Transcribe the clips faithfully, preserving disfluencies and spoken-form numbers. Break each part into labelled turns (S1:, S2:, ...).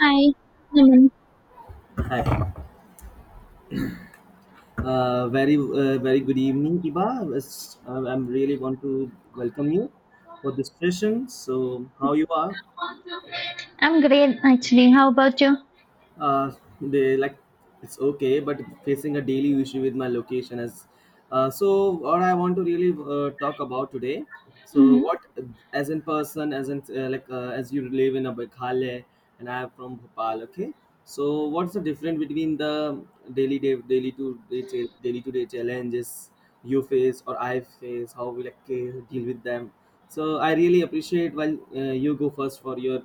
S1: Hi, Naman.
S2: Hi. Uh, very, uh, very good evening, Iba. It's- I am really want to welcome you for this session. So, how you are?
S1: I'm great actually. How about you?
S2: uh, they like it's okay but facing a daily issue with my location as. Uh, so what I want to really uh, talk about today. So
S1: hmm
S2: what, as in person, as in uh, like uh, as you live in a Meghalaya, and I am from Bhopal, okay. So what's the difference between the daily day daily to day cha- daily to day challenges you face or I face, how we like uh, deal with them. So I really appreciate while uh, you go first for your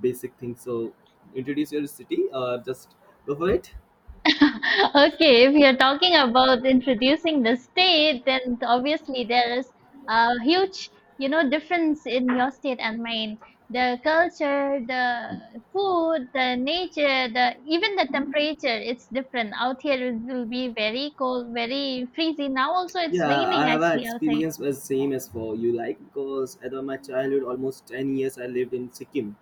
S2: basic things. So introduce your city. Uh, just go for it.
S1: Okay, if you're talking about introducing the state, then obviously there is a huge, you know, difference in your state and mine. The culture, the food, the nature, the even the temperature, it's different. Out here it will be very cold, very freezing. Now also it's
S2: Yeah, I
S1: raining
S2: have an
S1: actually outside.
S2: experience as same as for you like because at my childhood, almost ten years, I lived in Sikkim,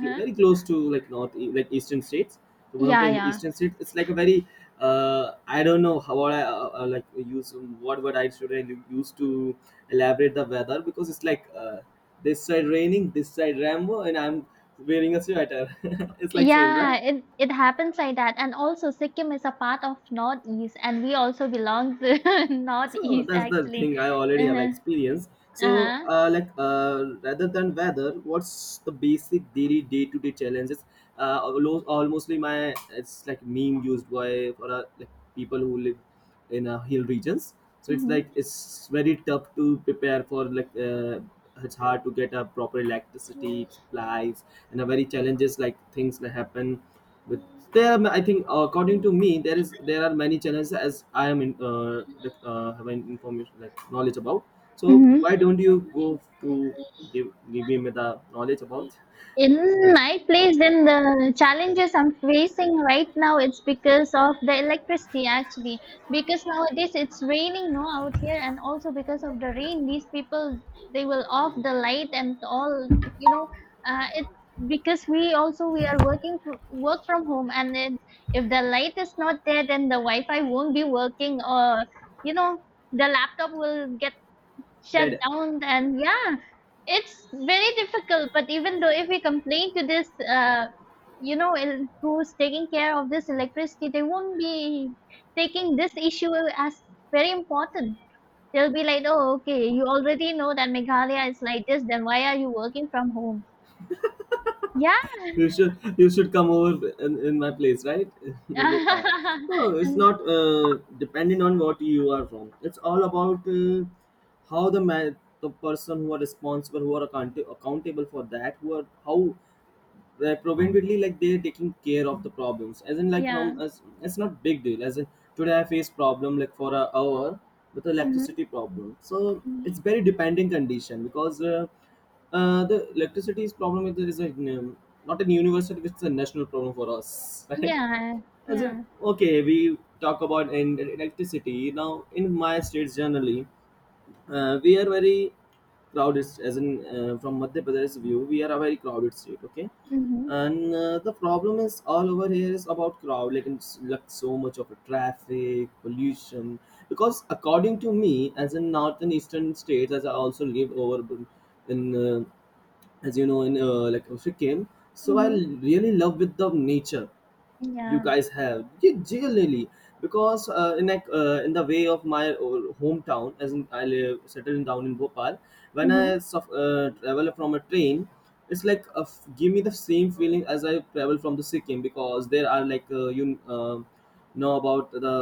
S2: cl- very close to like north e, like eastern states. So one of
S1: Yeah,
S2: the
S1: yeah.
S2: eastern states, it's like a very uh, I don't know how what I uh, uh, like use what word I should I use to elaborate the weather because it's like uh, this side raining, this side Rambo, and I'm wearing a sweater. It's like same, right?
S1: Yeah, it it happens like that. And also Sikkim is a part of Northeast and we also belong to
S2: so
S1: Northeast
S2: that's the
S1: actually.
S2: thing I already have
S1: Uh-huh.
S2: experience. So
S1: Uh-huh.
S2: uh, like uh, rather than weather, what's the basic daily day-to-day challenges? Uh, almost, mostly my it's like meme used by for uh, like people who live in uh, hill regions. So it's like
S1: Mm-hmm.
S2: it's very tough to prepare for like uh, it's hard to get a proper electricity supplies and a very challenges like things that happen with. There are, I think according to me, there is there are many challenges as I am in uh, like, uh having information like knowledge about. So
S1: Mm-hmm.
S2: why don't you go to give give me the knowledge about
S1: in my place then the challenges I'm facing right now, it's because of the electricity actually, because nowadays it's raining, no, out here, and also because of the rain, these people, they will off the light and all, you know, uh, it because we also we are working fr- work from home, and then if the light is not there, then the wi-fi won't be working, or, you know, the laptop will get shut
S2: that.
S1: down. And yeah, it's very difficult. But even though if we complain to this, uh you know, el- who's taking care of this electricity, they won't be taking this issue as very important. They'll be like, "Oh okay, you already know that Meghalaya is like this, then why are you working from home?" Yeah.
S2: You should you should come over in, in my place, right? Vivo Park. No, it's
S1: And-
S2: not uh, depending on what you are from. It's all about uh, how the man, the person who are responsible, who are account- accountable for that, who are how where preventively like they're taking care of the problems. As in like
S1: yeah.
S2: from us it's not big deal. As in today I face problem like for an hour with electricity
S1: hmm
S2: problem. So it's very depending condition because uh, uh, the electricity is problem is, is a, um, not a universal, it's a national problem for us, right.
S1: yeah.
S2: As in,
S1: Yeah.
S2: okay, we talk about in electricity now in my states. Generally uh, we are very crowded. As in uh, from Madhya Pradesh view we are a very crowded state, okay.
S1: hmm
S2: And uh, the problem is all over here is about crowd, like it's like so much of a traffic pollution because according to me, as in northern eastern states, as I also live over in uh, as you know in uh, like Sikkim. So I
S1: hmm
S2: really love with the nature you
S1: yeah.
S2: guys have, yeah, generally. Because uh, in like uh, in the way of my old hometown, as in I live settled down in Bhopal, when
S1: hmm
S2: I suf- uh, travel from a train, it's like a f- give me the same feeling as I travel from the Sikkim because there are like uh, you uh, know about the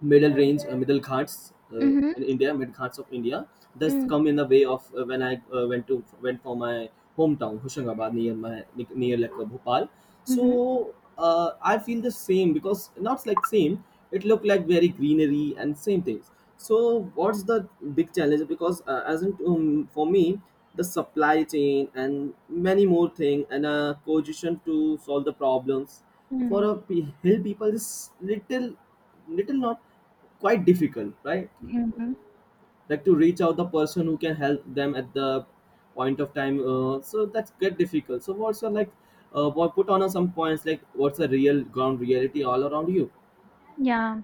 S2: middle range, uh, middle ghats, uh, in
S1: hmm
S2: India, mid ghats of India. Thus
S1: mm-hmm.
S2: come in the way of, uh, when I uh, went to went for my hometown Hoshangabad near my near like uh, Bhopal. So uh, I feel the same because not like same. It looked like very greenery and same things. So what's the big challenge? Because uh, as in, um, for me, the supply chain and many more thing and a cohesion to solve the problems for
S1: Mm-hmm.
S2: a pe- hill people is little little, not quite difficult, right?
S1: Mm-hmm.
S2: Like to reach out the person who can help them at the point of time, uh, so that's get difficult. So what's your like uh, what put on us some points, like what's the real ground reality all around you?
S1: Yeah,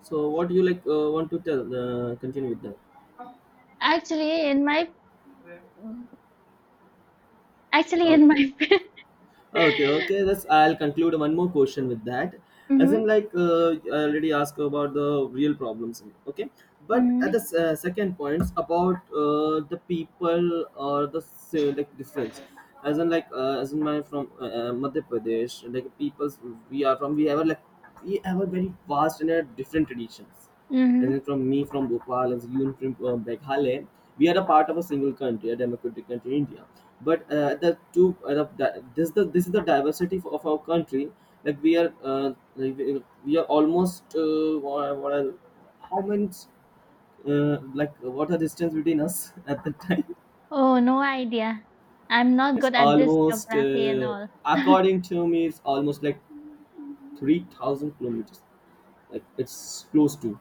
S2: So what do you like uh, want to tell, uh, continue with that.
S1: actually, in my actually in
S2: Okay.
S1: my
S2: Okay, okay. That's, I'll conclude one more question with that. As in,
S1: mm-hmm,
S2: like uh, I already asked about the real problems. Okay, but at the s-
S1: mm-hmm,
S2: uh, second points about uh, the people or the s- uh, like difference. As in, like uh, as in my from uh, uh, Madhya Pradesh, like peoples we are from, we have a, like we have a very vast and uh, different traditions. As in
S1: mm-hmm.
S2: from me from Bhopal, as you from uh, Meghalaya, we are a part of a single country, a democratic country, India. But uh, the two, uh, the, the- this the this is the diversity of, of our country. Like we are, uh, like we we are almost uh, what, are- what are, how many, uh, like what are distance between us, at the time?
S1: Oh, no idea. I'm not
S2: It's
S1: good at this
S2: almost,
S1: geography and
S2: uh,
S1: all.
S2: according to me, it's almost like three thousand kilometers. Like it's close to.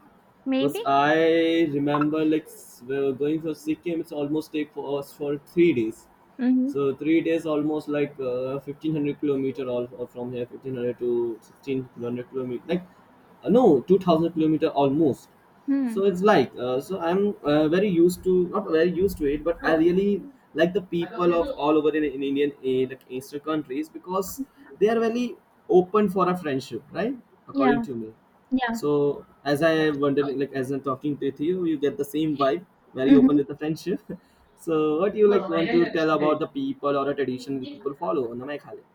S2: Because
S1: Maybe.
S2: I remember like s- we were going for Sikkim, it's almost take for us for three days.
S1: Mm-hmm.
S2: So three days almost like uh, fifteen hundred kilometer, all, all from here, fifteen hundred to sixteen hundred kilometer, like uh, no two thousand kilometer almost. So
S1: Mm.
S2: it's like uh, so I'm uh, very used to, not very used to it, but I really like the people of all over in, in Indian, eh, like Eastern countries because they are very open for a friendship, right? According
S1: Yeah.
S2: to me.
S1: Yeah.
S2: So as I wondered, like as I'm talking with you, you get the same vibe, very open
S1: Mm-hmm.
S2: with the friendship. So what do you like want to tell about the people or a tradition the people follow in the Meghalaya?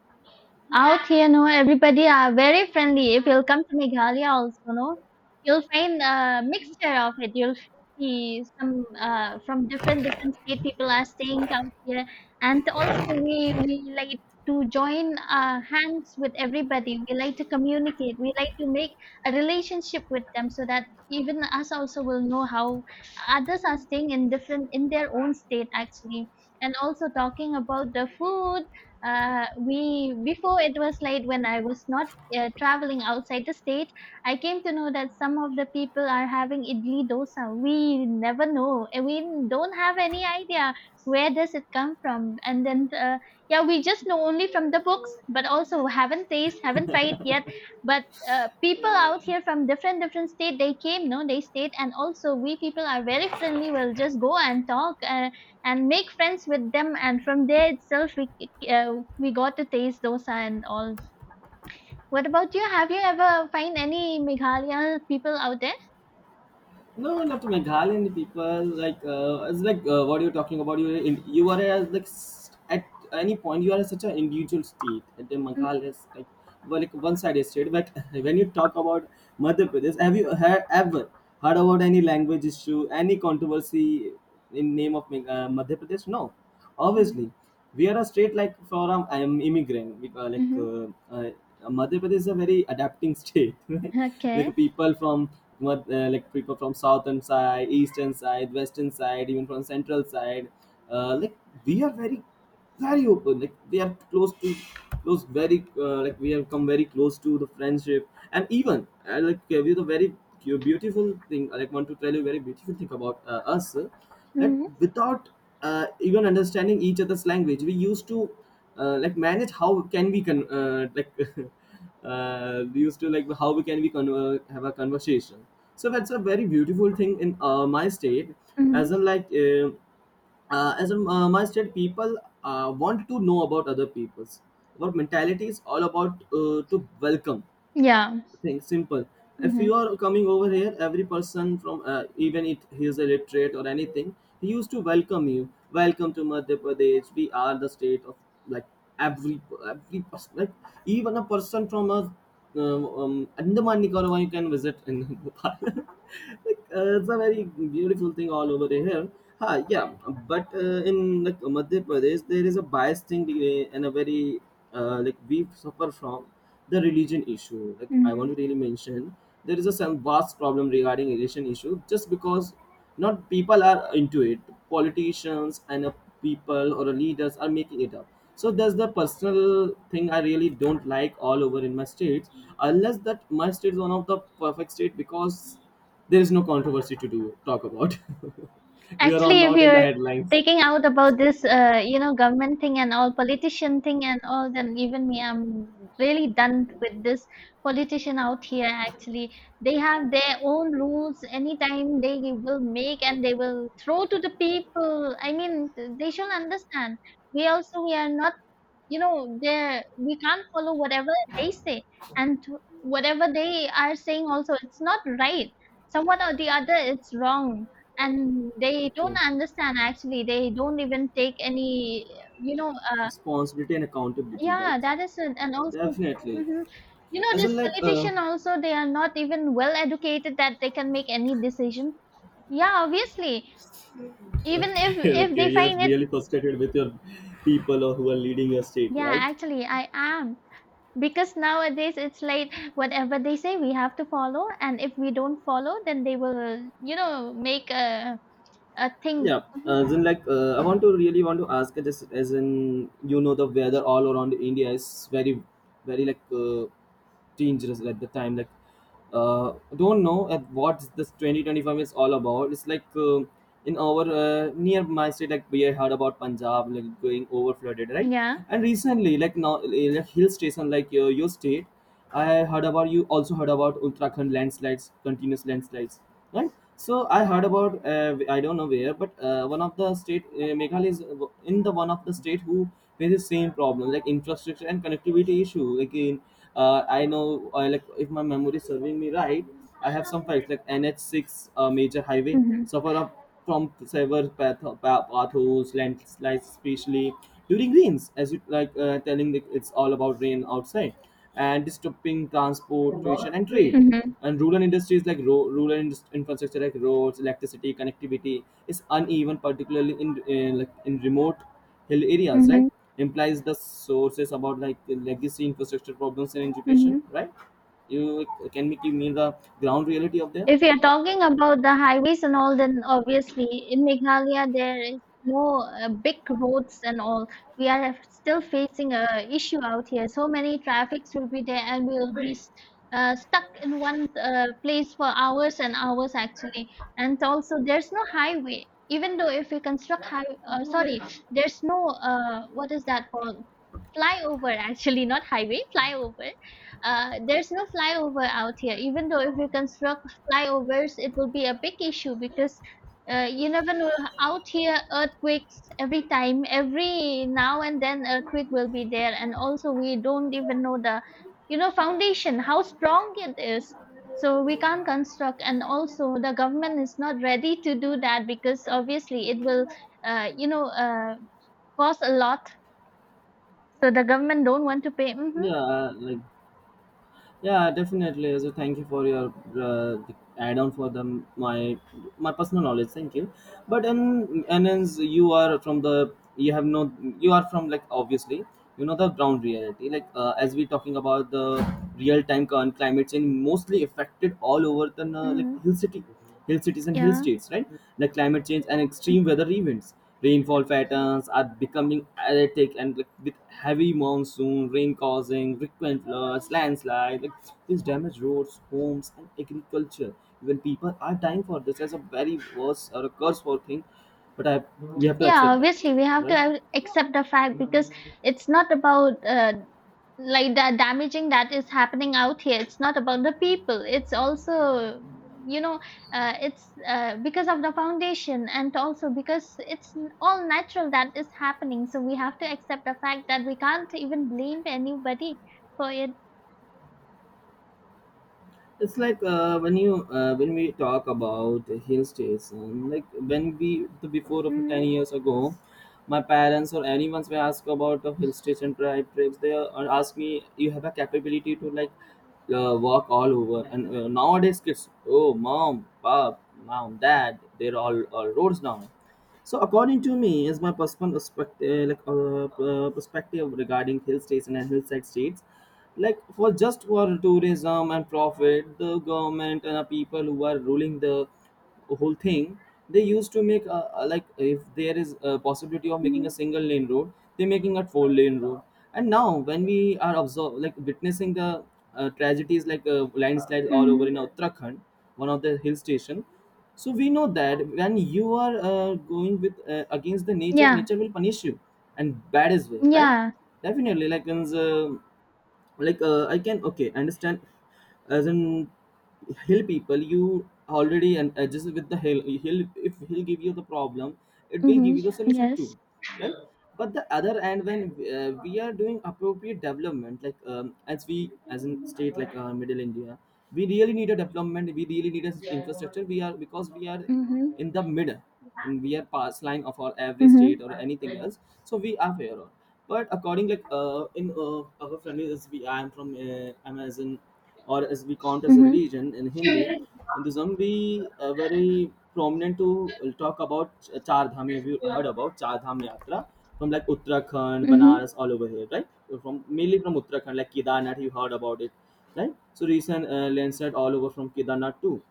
S1: Out here, no, everybody are very friendly. If you'll come to Meghalaya also, no, you'll find a mixture of it. You'll see some uh, from different different state people are staying out here, and also we we like to join uh, hands with everybody. We like to communicate. We like to make a relationship with them so that even us also will know how others are staying in different in their own state actually. And also talking about the food, uh, we before it was late when I was not uh, traveling outside the state, I came to know that some of the people are having idli dosa. We never know and we don't have any idea where does it come from. And then uh, yeah, we just know only from the books, but also haven't taste, haven't tried yet. But uh, people out here, from different different state, they came, no, they stayed. And also we people are very friendly. We'll just go and talk uh, and make friends with them, and from there itself we uh, we got to taste dosa and all. What about you? Have you ever find any Meghalaya people out there?
S2: No, not to Meghalaya people. Like uh, it's like uh, what you're talking about. You you are as like s- at any point you are such an individual state. At the Meghalaya is like, well, like one sided state. But when you talk about Madhya Pradesh, have you heard, ever heard about any language issue, any controversy in name of Meg- uh, Madhya Pradesh? No. Obviously, we are a state like for um, I am immigrant. We, uh, like
S1: Mm-hmm.
S2: uh, uh, Madhya Pradesh is a very adapting state. right?
S1: Okay.
S2: Like people from Mad- uh, like people from southern side, eastern side, western side, even from central side. Uh, like we are very very open like they are close to close very, uh, like we have come very close to the friendship and even uh, like uh, with a very cu- beautiful thing I like want to tell you a very beautiful thing about uh, us, uh, that
S1: Mm-hmm.
S2: without uh, even understanding each other's language we used to uh, like manage how can we con- uh, like uh, we used to like how we can we conver- have a conversation. So that's a very beautiful thing in uh, my state. As
S1: Mm-hmm.
S2: in like uh, uh, as a uh, mindset people uh, want to know about other people's what mentality is all about, uh, to welcome
S1: Yeah.
S2: thing simple. If you
S1: Mm-hmm.
S2: are coming over here, every person from, uh, even if he is illiterate or anything, he used to welcome you. Welcome to Madhya Pradesh. We are the state of like every every person, like even a person from a um, um, Andaman Nicobar you can visit in Nepal. Like, uh, it's a very beautiful thing all over here. Ha, yeah, but uh, in like Madhya Pradesh, there is a bias thing, uh, and a very, uh, like we suffer from the religion issue, like I want
S1: Mm-hmm.
S2: to really mention. There is a some vast problem regarding religion issue just because not people are into it, politicians and uh, people or a leaders are making it up. So that's the personal thing I really don't like all over in my states. Unless that my state is one of the perfect state because there is no controversy to do talk about. We are all
S1: Actually, if
S2: not in the
S1: you're
S2: headlines.
S1: taking out about this, uh, you know, government thing and all, politician thing and all, then even me, I'm really done with this politician out here. Actually, they have their own rules. Anytime they will make and they will throw to the people. I mean, they should understand. We also we are not, you know, they, we can't follow whatever they say. And whatever they are saying also, it's not right. Somewhat or the other, it's wrong. And they don't
S2: Okay.
S1: understand actually. They don't even take any, you know, uh,
S2: Responsibility and accountability,
S1: yeah,
S2: right.
S1: that is it. And also
S2: Definitely.
S1: hmm you know,
S2: Isn't
S1: this
S2: like. uh,
S1: politician also, they are not even well educated that they can make any decision. Yeah, obviously. even if
S2: Okay,
S1: if
S2: okay.
S1: they
S2: You're
S1: find
S2: really
S1: it,
S2: frustrated with your people or who are leading your state,
S1: yeah,
S2: right?
S1: actually I am. Because nowadays it's like whatever they say we have to follow, and if we don't follow, then they will, you know, make a a thing.
S2: Yeah.
S1: Mhm.
S2: As in, like, uh, I want to really want to ask, uh, just as in, you know, the weather all around India is very, very like uh, dangerous at the time. Like, uh, don't know at what this twenty twenty-five is all about. It's like uh, in our uh, near my state, like we heard about Punjab like going over flooded, right?
S1: Yeah.
S2: And recently, like now, uh, like hill station like your, your state. I heard about you also heard about Uttarakhand landslides, continuous landslides, right? So I heard about uh, I don't know where, but uh, one of the state uh, Meghalaya is in the one of the state who faces same problem like infrastructure and connectivity issue. Again, uh, I know uh, like if my memory is serving me right, I have some facts like N H six uh, major highway
S1: Mhm.
S2: suffer up from several path, path potholes, landslides, especially during rains, as you like uh, telling that it's all about rain outside and disrupting transportation and trade.
S1: Mhm.
S2: And rural industries like ro- rural indus- infrastructure like roads, electricity, connectivity is uneven, particularly in, in like in remote hill areas, right?
S1: Mhm.
S2: Implies the sources about like the legacy infrastructure problems in education,
S1: Mhm.
S2: right? You like, can make you mean the ground reality of there.
S1: If you're talking about the highways and all, then obviously in Meghalaya there is no uh, big roads and all. We are still facing a issue out here. So many traffics will be there, and we'll be s- uh, stuck in one uh, place for hours and hours actually. And also, there's no highway. Even though if we construct high, uh, sorry, there's no uh, what is that called? Flyover actually, not highway, flyover. Uh, there's no flyover out here. Even though if we construct flyovers, it will be a big issue because uh, you never know. Out here, earthquakes every time, every now and then, earthquake will be there, and also we don't even know the, you know, foundation how strong it is. So we can't construct, and also the government is not ready to do that because obviously it will, uh, you know, uh, cost a lot. So the government don't want to pay.
S2: Yeah,
S1: Mm-hmm.
S2: uh, like yeah, definitely. So thank you for your uh, the add-on for the my my personal knowledge. Thank you. But and and as you are from the you have no, you are from like obviously you know the ground reality. Like uh, as we talking about the real time current climate change mostly affected all over the uh,
S1: Mm-hmm.
S2: like hill city hill cities and hill
S1: Yeah.
S2: states, right? Like climate change and extreme weather events. Rainfall patterns are becoming erratic and like, with heavy monsoon, rain causing frequent floods, landslides. Like, this damage roads, homes, and agriculture. Even people are dying for this as a very worse or a curse for thing, but I, we have to
S1: Yeah,
S2: accept that,
S1: obviously we have to
S2: right?
S1: uh, accept the fact. Because it's not about uh, like the damaging that is happening out here, it's not about the people, it's also, you know, uh, it's uh, because of the foundation, and also because it's n- all natural that is happening. So we have to accept the fact that we can't even blame anybody for it.
S2: It's like uh, when you uh, when we talk about hill station, like when we the before of ten
S1: hmm
S2: years ago, my parents or anyone's may ask about a hill station tri- trips. They uh, ask me, you have a capability to like uh, walk all over. And uh, nowadays kids, oh mom, pop, mom, dad, they're all, all roads now. So according to me, is my personal perspective, like uh, uh, perspective regarding hill states and hillside states like for just for tourism and profit, the government and the people who are ruling the whole thing they used to make a uh, like if there is a possibility of making a
S1: hmm
S2: single lane road they're making a four lane road. And now when we are observe like witnessing the uh, tragedies like uh, landslides all over
S1: hmm
S2: in Uttarakhand, one of the hill station. So we know that when you are uh, going with uh, against the nature,
S1: yeah.
S2: nature will punish you, and bad is way, right?
S1: Yeah.
S2: Definitely like means, uh, like uh, I can okay understand. As in hill people you already and adjust with the hill, he'll if he'll give you the problem, it will
S1: Mm-hmm.
S2: give you the solution
S1: Yes.
S2: too, right? But the other end when uh, we are doing appropriate development like um, as we as in state like uh, middle India, we really need a development, we really need a infrastructure, we are because we are
S1: hmm
S2: in the middle, and we are past line of our every state
S1: hmm
S2: or anything else, so we are aware on. But according like uh, in uh, our friendly as we, I am from uh, Amazon, or as we count as a religion in hindu Hinduism, we uh, very prominent to talk about Ch- char dham. Have you heard about char dham yatra from like Uttarakhand,
S1: Mm-hmm.
S2: Banaras all over here, right? From mainly from Uttarakhand like Kedarnath, you heard about it, right? So recent uh, landsat all over from Kedarnath too.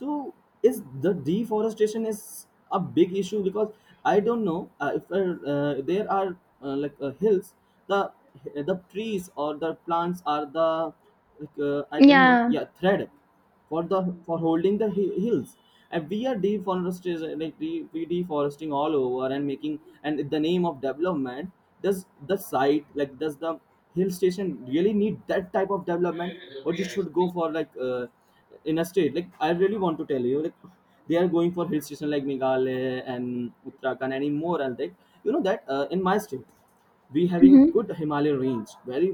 S2: So is the deforestation is a big issue because I don't know uh, if uh, uh, there are uh, like uh, hills, the the trees or the plants are the like, uh, I don't know,
S1: Yeah.
S2: yeah, thread for the for holding the hi- hills. And we are deforestation like de- we deforesting all over and making, and in the name of development. Does the site like does the hill station really need that type of development, or you should go for like uh, in a state like I really want to tell you, like they are going for hill station like Meghalaya and Uttarakhand and more, and like you know that uh, in my state we having a
S1: Mm-hmm.
S2: good Himalayan range very.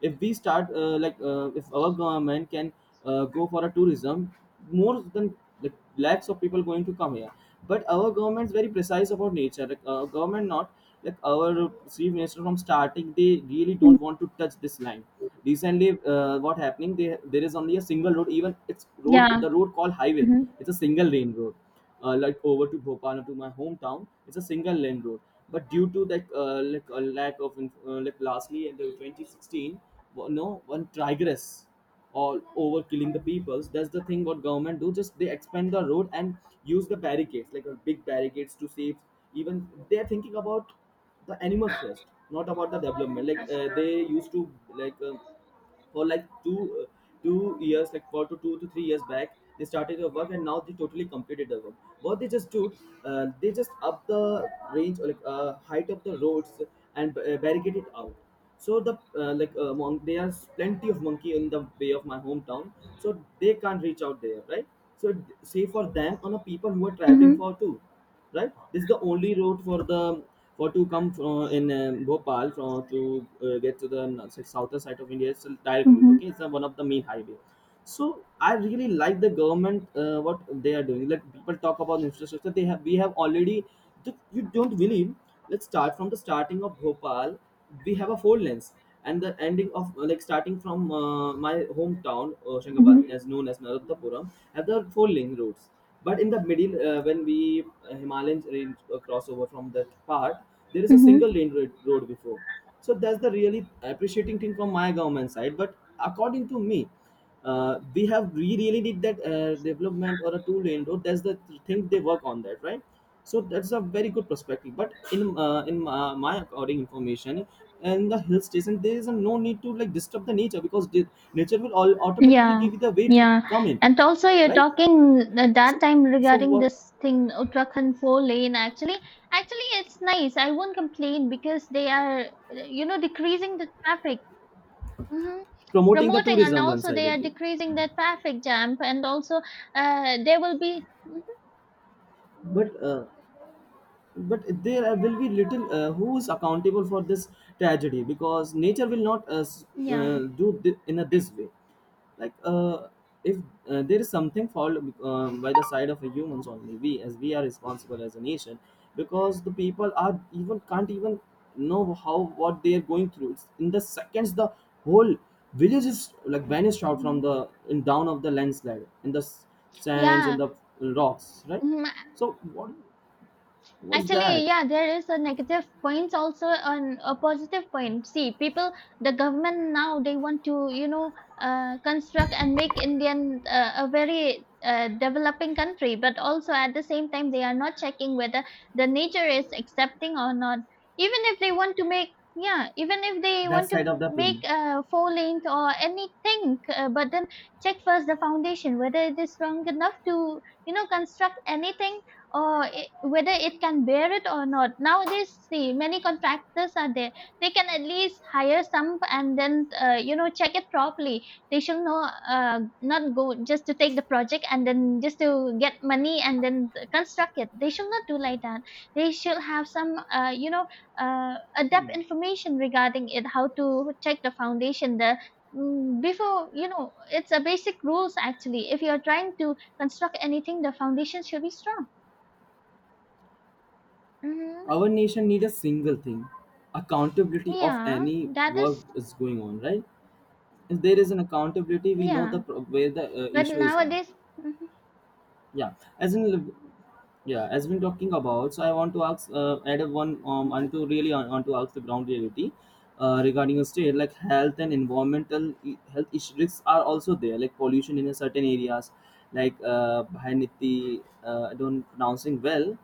S2: If we start uh, like uh, if our government can uh, go for a tourism more than like like lakhs of people going to come here. But our government's very precise about nature, like our government not, like our chief minister from starting they really don't want to touch this line. Recently uh, what happening they, there is only a single road, even it's road
S1: Yeah.
S2: the road called highway,
S1: Mm-hmm.
S2: it's a single lane road. Uh, like over to Bhopal or to my hometown. It's a single lane road. But due to that uh, like a lack of inf- uh, like lastly in the twenty sixteen, wo- no one tigress or over killing the peoples. That's the thing what government do. Just they expand the road and use the barricades like uh, big barricades to save. Even they are thinking about the animals first, not about the development. Like uh, they used to like. Uh, for like two uh, two years, like four to two to three years back, they started their work and now they totally completed the work. What they just do, uh, they just up the range or like uh, height of the roads and uh, barricade it out. So the uh, like uh, mon- there are plenty of monkey in the way of my hometown, so they can't reach out there, right? So it- save for them on a people who are traveling
S1: Mm-hmm.
S2: for too, right? This is the only route for the for to come from in um, Bhopal from to uh, get to the n- southern side of India. It's a direct route,
S1: Mm-hmm.
S2: okay, it's a, one of the main highway. So I really like the government uh, what they are doing, like people talk about infrastructure they have, we have already, you don't believe, let's start from the starting of Bhopal, we have a four lanes. And the ending of uh, like starting from uh, my hometown Hoshangabad,
S1: Mm-hmm.
S2: as known as Narottapuram, have the four lane roads. But in the middle uh, when we uh, Himalayan range uh, crossover from that part, there is a single
S1: Mm-hmm.
S2: lane road, road before. So that's the really appreciating thing from my government side, but according to me uh, we have we really need that uh, development or a two lane road, that's the thing they work on that, right? So that's a very good perspective, but in uh, in uh, my according information in the hill station there is a no need to like disturb the nature because the nature will all automatically
S1: Yeah.
S2: give you the way to
S1: Yeah.
S2: come in,
S1: And also, you're
S2: right?
S1: talking at that
S2: so
S1: time
S2: so
S1: regarding
S2: what,
S1: this thing, Uttarakhand four lane. Actually, actually, it's nice. I won't complain because they are, you know, decreasing the traffic. Mhm.
S2: promoting the
S1: Promoting and
S2: tourism one
S1: also they are
S2: sidedly.
S1: decreasing the traffic jam, and also uh, they will be. Mhm.
S2: but uh, but there will be little uh, who is accountable for this tragedy because nature will not uh, s- uh,
S1: Yeah.
S2: do thi- in a this way. Like uh, if uh, there is something fall um, by the side of a humans only, we as we are responsible as a nation. Because the people are even can't even know how what they are going through. It's- in the seconds the whole village is like vanished out from
S1: Mhm.
S2: the in down of the landslide in the s- sands and
S1: Yeah.
S2: the rocks, right?
S1: Mhm.
S2: So what, what's
S1: Actually,
S2: that,
S1: yeah, there is a negative point also and a positive point. See, people, the government now they want to, you know, uh, construct and make Indian uh, a very uh, developing country, but also at the same time they are not checking whether the nature is accepting or not. Even if they want to make, yeah, even if they
S2: that
S1: want to
S2: side of the
S1: make
S2: planet.
S1: uh, four lanes or anything, uh, but then check first the foundation whether it is strong enough to, you know, construct anything, or it, whether it can bear it or not. Nowadays, see, many contractors are there. They can at least hire some and then, uh, you know, check it properly. They should know, uh, not go just to take the project and then just to get money and then construct it. They should not do like that. They should have some, uh, you know, uh, adept information regarding it, how to check the foundation, the mm, before, you know, it's a basic rules actually. If you're trying to construct anything, the foundation should be strong. Mhm.
S2: Our nation need a single thing, accountability of
S1: Yeah,
S2: any
S1: that
S2: work
S1: is
S2: is going on, right? If there is an accountability, we know the
S1: yeah.
S2: pro- where the uh,
S1: But
S2: issue is on.
S1: nowadays, mhm,
S2: Yeah, as in, yeah, as been talking about. So I want to ask, uh, add a one um,
S1: mhm,
S2: and to really on, want to ask the ground reality. Uh, regarding a state like health and environmental e- health issues risks are also there like pollution in a certain areas like uh, Bhayaniti, uh, I don't pronouncing well,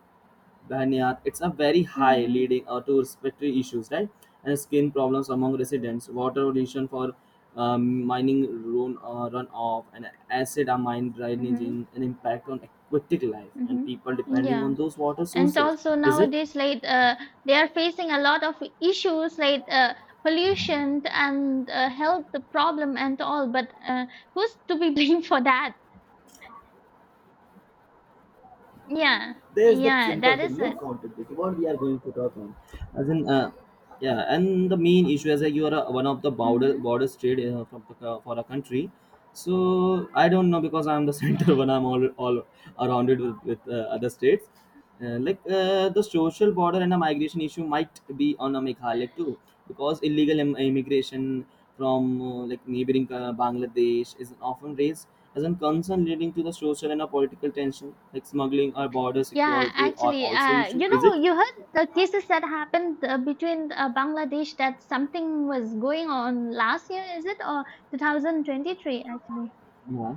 S2: Banyat, it's a very high,
S1: mhm,
S2: leading uh, to respiratory issues, right? And skin problems among residents, water pollution for um, mining run, uh, runoff, and acid are mine drainage,
S1: mhm,
S2: an impact on aquatic life and
S1: mhm.
S2: people depending
S1: yeah,
S2: on those water
S1: and
S2: sources.
S1: also
S2: Is it?
S1: nowadays, like uh, they are facing a lot of issues like uh, pollution and uh, health problem and all. But uh, who's to be blamed for that? Yeah,
S2: There's the
S1: yeah,
S2: simple
S1: that
S2: thing,
S1: is
S2: no
S1: it.
S2: accountability what we are going to talk on as in uh, yeah, and the main issue is that you are uh one of the border
S1: Mm-hmm.
S2: border trade uh, from the, co- for a country. So I don't know because I'm the center when I'm all, all around it with, with uh, other states. Uh, like uh, the social border and the migration issue might be on a Meghalaya too, because illegal im- immigration from uh, like neighboring uh, Bangladesh is often raised as a concern, leading to the social and a political tension. Like smuggling or border
S1: Yeah,
S2: security are
S1: actually,
S2: also
S1: uh,
S2: issue.
S1: you
S2: Is
S1: know,
S2: it?
S1: you heard the cases that happened uh, between uh, Bangladesh that something was going on last year, is it? Or two thousand twenty-three, actually.
S2: Yeah.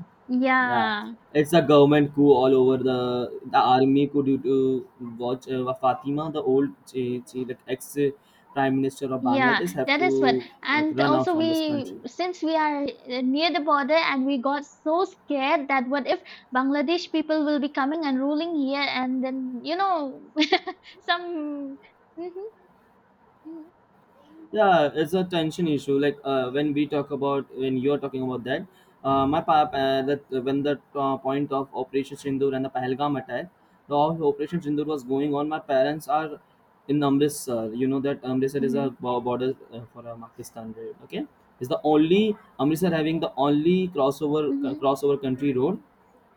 S2: Yeah,
S1: Yeah,
S2: it's a government coup all over the the army coup due to watch uh, Fatima, the old uh, like ex uh, prime minister of
S1: yeah,
S2: Bangladesh, have
S1: that is what.
S2: to like
S1: And
S2: run out
S1: also,
S2: from this country.
S1: we, since we are uh, near the border, and we got so scared that what if Bangladesh people will be coming and ruling here and then, you know, some. hmm
S2: Yeah, it's a tension issue. Like uh, when we talk about when you're talking about that uh, my pap uh, that when the uh, point of operation sindur and the pahalgam attack, the whole operation sindur was going on, my parents are in amritsar. You know that amritsar is a
S1: hmm
S2: bo- border uh, for uh, pakistan, right? Okay, it's the only amritsar having the only crossover
S1: hmm
S2: crossover country road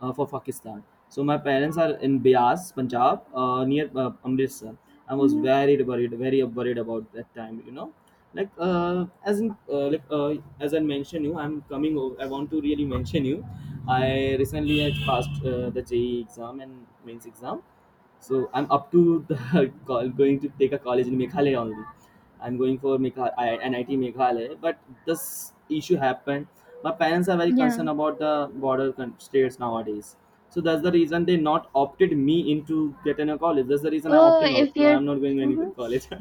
S2: uh, for Pakistan. So my parents are in Bias, Punjab, uh, near uh, Amritsar. I was
S1: hmm
S2: very worried, very worried about that time, you know, like uh, as in, uh, like uh, as I mentioned you, I'm coming. Over, I want to really mention you. I recently had passed uh, the J E E exam and mains exam, so I'm up to the call, going to take a college in Meghalaya only. I'm going for Megha- I- N I T Meghalaya, but this issue happened. My parents are very concerned
S1: Yeah.
S2: about the border con- states nowadays. So that's the reason they not opted me into getting a college. That's the reason I'm
S1: Oh,
S2: opting
S1: if
S2: out. No,
S1: you're.
S2: I'm not going any
S1: Mm-hmm.
S2: with college.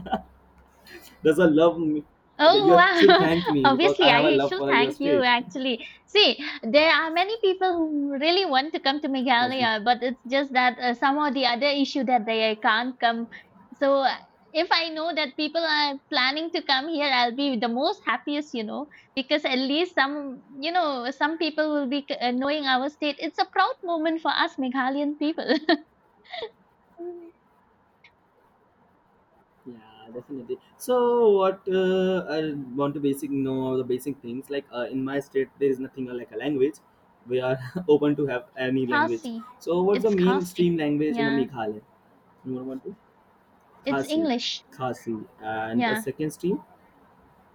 S2: There's a love. M- that
S1: Oh
S2: you should
S1: wow!
S2: thank me because I
S1: Obviously,
S2: have a
S1: I
S2: love
S1: should
S2: for your
S1: thank you
S2: state.
S1: actually. See, there are many people who really want to come to
S2: As in—
S1: Meghalaya, but it's just that uh, some or the other issue that they can't come. So, uh, if I know that people are planning to come here, I'll be the most happiest, you know, because at least some, you know, some people will be uh, knowing our state. It's a proud moment for us Meghalayan people. Mm.
S2: yeah, definitely. So what uh, I want to basic know the basic things, like uh, in my state there is nothing like a language. We are open to have any language.
S1: Khasi.
S2: So what's the
S1: It's
S2: mainstream
S1: Khasi.
S2: language in a
S1: Yeah.
S2: Meghalaya? You want to?
S1: It's
S2: Khasi,
S1: English.
S2: Khasi, and the
S1: Yeah.
S2: second stream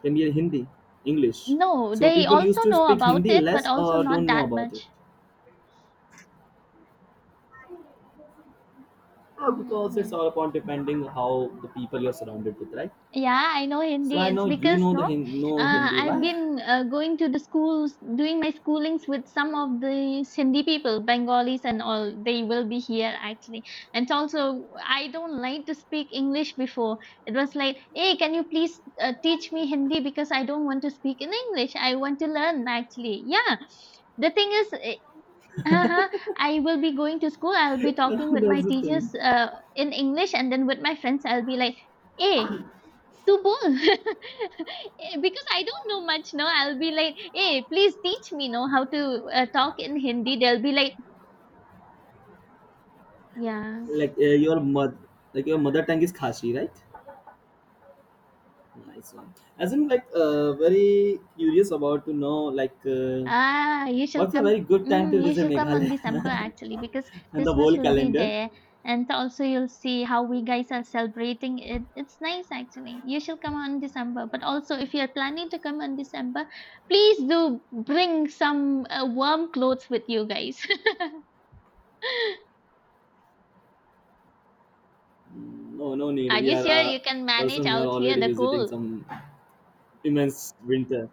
S2: can be a Hindi, English.
S1: No,
S2: So
S1: they
S2: people
S1: also
S2: used to
S1: know
S2: speak
S1: about
S2: Hindi
S1: it, but
S2: less
S1: also
S2: or
S1: not
S2: don't know
S1: that
S2: about it.
S1: much.
S2: Uh, because it's
S1: hmm
S2: all upon depending how the people you're surrounded with, right?
S1: Yeah, I know
S2: So
S1: Hindi.
S2: I
S1: It's
S2: know you
S1: because
S2: know the
S1: no,
S2: Hin- know
S1: uh,
S2: Hindi.
S1: I've
S2: Why?
S1: been uh, going to the schools, doing my schoolings with some of the Sindhi people, Bengalis and all. They will be here actually. And also I don't like to speak English before. It was like, "Hey, can you please uh, teach me Hindi because I don't want to speak in English. I want to learn actually." Yeah, the thing is, Uh-huh. I will be going to school. I'll be talking with my
S2: That's the thing.
S1: teachers uh, in English, and then with my friends, I'll be like, "Hey, tu bol," because I don't know much. No, I'll be like, "Hey, please teach me, know how to uh, talk in Hindi." They'll be like, "Yeah,
S2: Like uh, your mother, like your mother tongue is Khashi, right? Nice one. As in, like, uh, very curious about to know, like, uh,
S1: Ah, you shall
S2: what's a
S1: come,
S2: very good time to
S1: mhm, you
S2: visit
S1: shall come on December
S2: Meghalaya
S1: actually, because
S2: and the
S1: Christmas
S2: whole
S1: will be
S2: calendar?
S1: there, and also you'll see how we guys are celebrating it. It's nice actually. You shall come on December. But also if you're planning to come on December, please do bring some uh, warm clothes with you guys."
S2: Mm, no, no need.
S1: Are
S2: We
S1: you
S2: are
S1: sure
S2: a
S1: you can manage
S2: person who are
S1: out here
S2: already
S1: the
S2: visiting
S1: cold?
S2: some immense winter.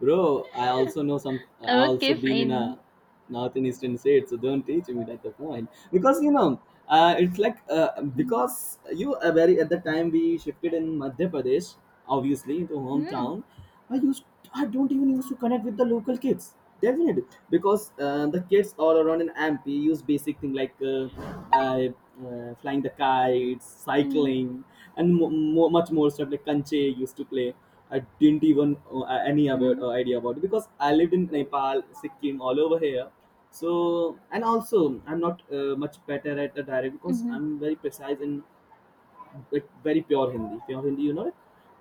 S2: Bro, I also know some. I also
S1: Okay,
S2: been in a
S1: fine.
S2: north and eastern state, so don't teach me that the point. Because you know, uh, it's like uh,
S1: Mm-hmm.
S2: because you are very at the time we shifted in Madhya Pradesh, obviously into
S1: Mm-hmm.
S2: hometown. I used I don't even used to connect with the local kids. Definitely, because uh, the kids all around in M P use basic thing like uh, uh, uh, flying the kites, cycling, and mo- mo- much more stuff like kanche used to play. I didn't even uh, any about,
S1: Mm-hmm.
S2: uh, idea about it because I lived in Nepal, Sikkim, all over here. So and also I'm not uh, much better at the dialect because
S1: Mm-hmm. Mm-hmm.
S2: I'm very precise in like very pure Hindi, pure Hindi, you know it?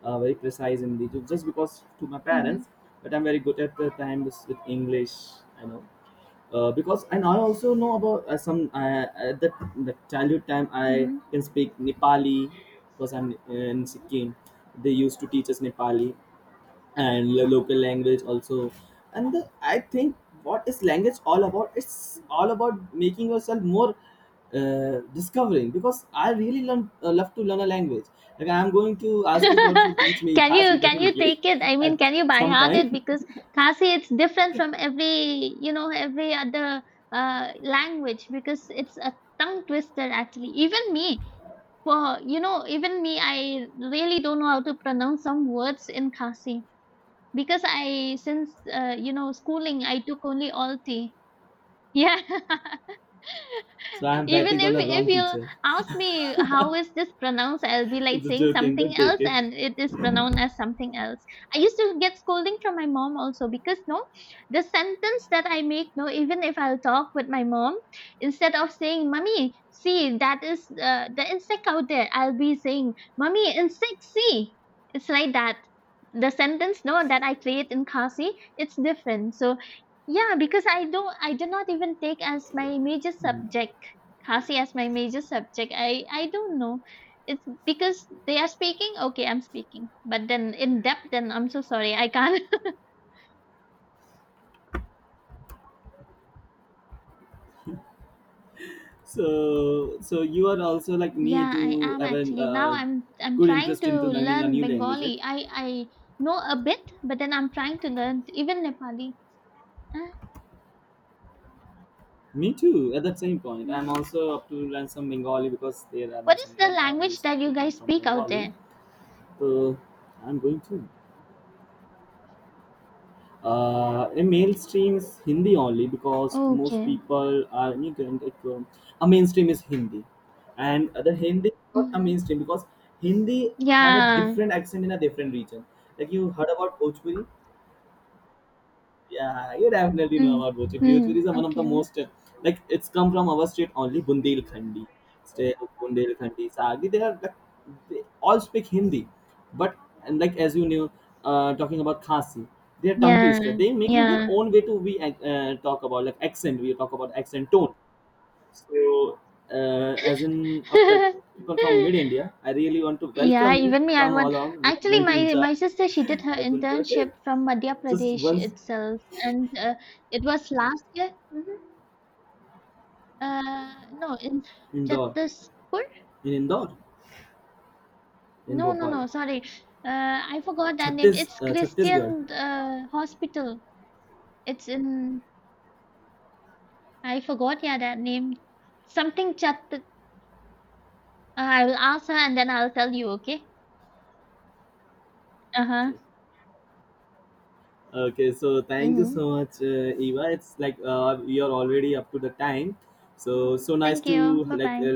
S2: uh, Very precise Hindi. Ju- Just because to my
S1: Mm-hmm.
S2: parents, but I'm very good at the time with with English. I know, uh, because and I also know about uh, some uh, at the, the childhood time I
S1: Mm-hmm.
S2: can speak Nepali because I'm uh, in Sikkim. They used to teach us Nepali and the local language also, and the, I think what is language all about, it's all about making yourself more uh, discovering, because I really learn, uh, love to learn a language. Like I'm going to ask you for to teach me
S1: Can
S2: khasi,
S1: you can you
S2: definitely
S1: take it? I
S2: at
S1: mean, can you by
S2: some
S1: heart it?
S2: time.
S1: Because Khasi, it's different from every, you know, every other uh, language, because it's a tongue twister actually. Even me, for, you know, even me, I really don't know how to pronounce some words in Khasi, because I since uh, you know schooling I took only Alti. Yeah.
S2: So I'm
S1: Even
S2: betting on
S1: if
S2: a
S1: if
S2: wrong
S1: you
S2: teacher.
S1: ask me how is this pronounced, I'll be
S2: It's
S1: like
S2: a
S1: saying
S2: joking,
S1: something
S2: don't take
S1: else,
S2: it.
S1: and it is pronounced as something else. I used to get scolding from my mom also because no, the sentence that I make no, even if I'll talk with my mom, instead of saying "mummy, see that is uh, the insect out there," I'll be saying "mummy, insect, see." It's like that. The sentence no that I create in Khasi, it's different. So yeah, because i don't i did not even take as my major subject Khasi as my major subject. I I don't know. It's because they are speaking. Okay, I'm speaking, but then in depth. Then I'm so sorry. I can't.
S2: So so you are also like me
S1: Yeah, I
S2: to
S1: am
S2: have a
S1: actually. Now,
S2: uh,
S1: I'm I'm
S2: good
S1: trying
S2: interest
S1: to
S2: into learning a
S1: learn
S2: new language, right?
S1: Bengali. I I know a bit, but then I'm trying to learn even Nepali. Ah,
S2: Me too. At that same point, I'm
S1: mhm.
S2: also up to learn some Bengali because there are my
S1: What is
S2: some
S1: the
S2: friends uh,
S1: language
S2: used
S1: that
S2: to
S1: you
S2: come
S1: guys
S2: from
S1: speak out
S2: Bengali.
S1: there?
S2: So I'm going to. Uh, a mainstream is Hindi only because most
S1: Okay.
S2: people are immigrant. It, um, a mainstream is Hindi, and the Hindi is not a
S1: hmm
S2: mainstream because Hindi have a
S1: Yeah.
S2: different accent in a different region. Like you heard about Bhojpuri, yeah, you definitely know about Bhojpuri.
S1: Mm-hmm.
S2: Bhojpuri is one of the
S1: Okay.
S2: most uh, like it's come from our state only, Bundelkhandi, state of Bundelkhandi, Sagi. They are like, they all speak Hindi, but and like as you knew, uh, talking about Khasi, they are tongue
S1: Yeah.
S2: twister. They making their
S1: Yeah.
S2: own way to we uh, talk about like accent. We talk about accent tone. So uh, as in uh, pe- people from mid India, I really want to
S1: Yeah,
S2: welcome you.
S1: even me, I
S2: Come
S1: want.
S2: along. We are
S1: Actually,
S2: going to
S1: my
S2: enjoy.
S1: my sister, she did her
S2: I will, okay.
S1: internship from Madhya
S2: Just
S1: Pradesh
S2: once
S1: itself, and uh, it was last year. hmm Uh, no, in
S2: indoor.
S1: Chhattispur.
S2: In Indore, in
S1: No, no,
S2: Bhopal,
S1: no. Sorry, uh, I forgot that name.
S2: Chhattis,
S1: It's
S2: uh, Chhattisgarh.
S1: Christian uh, Hospital. It's in. I forgot. Yeah, that name. Something Chat. Uh, I will ask her, and then I'll tell you. Okay. Uh
S2: Okay.
S1: huh.
S2: Okay, so thank you
S1: Mm-hmm.
S2: so much, uh, Eva. It's like uh, we are already up to the time. So so nice
S1: Thank you.
S2: to
S1: Bye
S2: like
S1: bye.
S2: uh,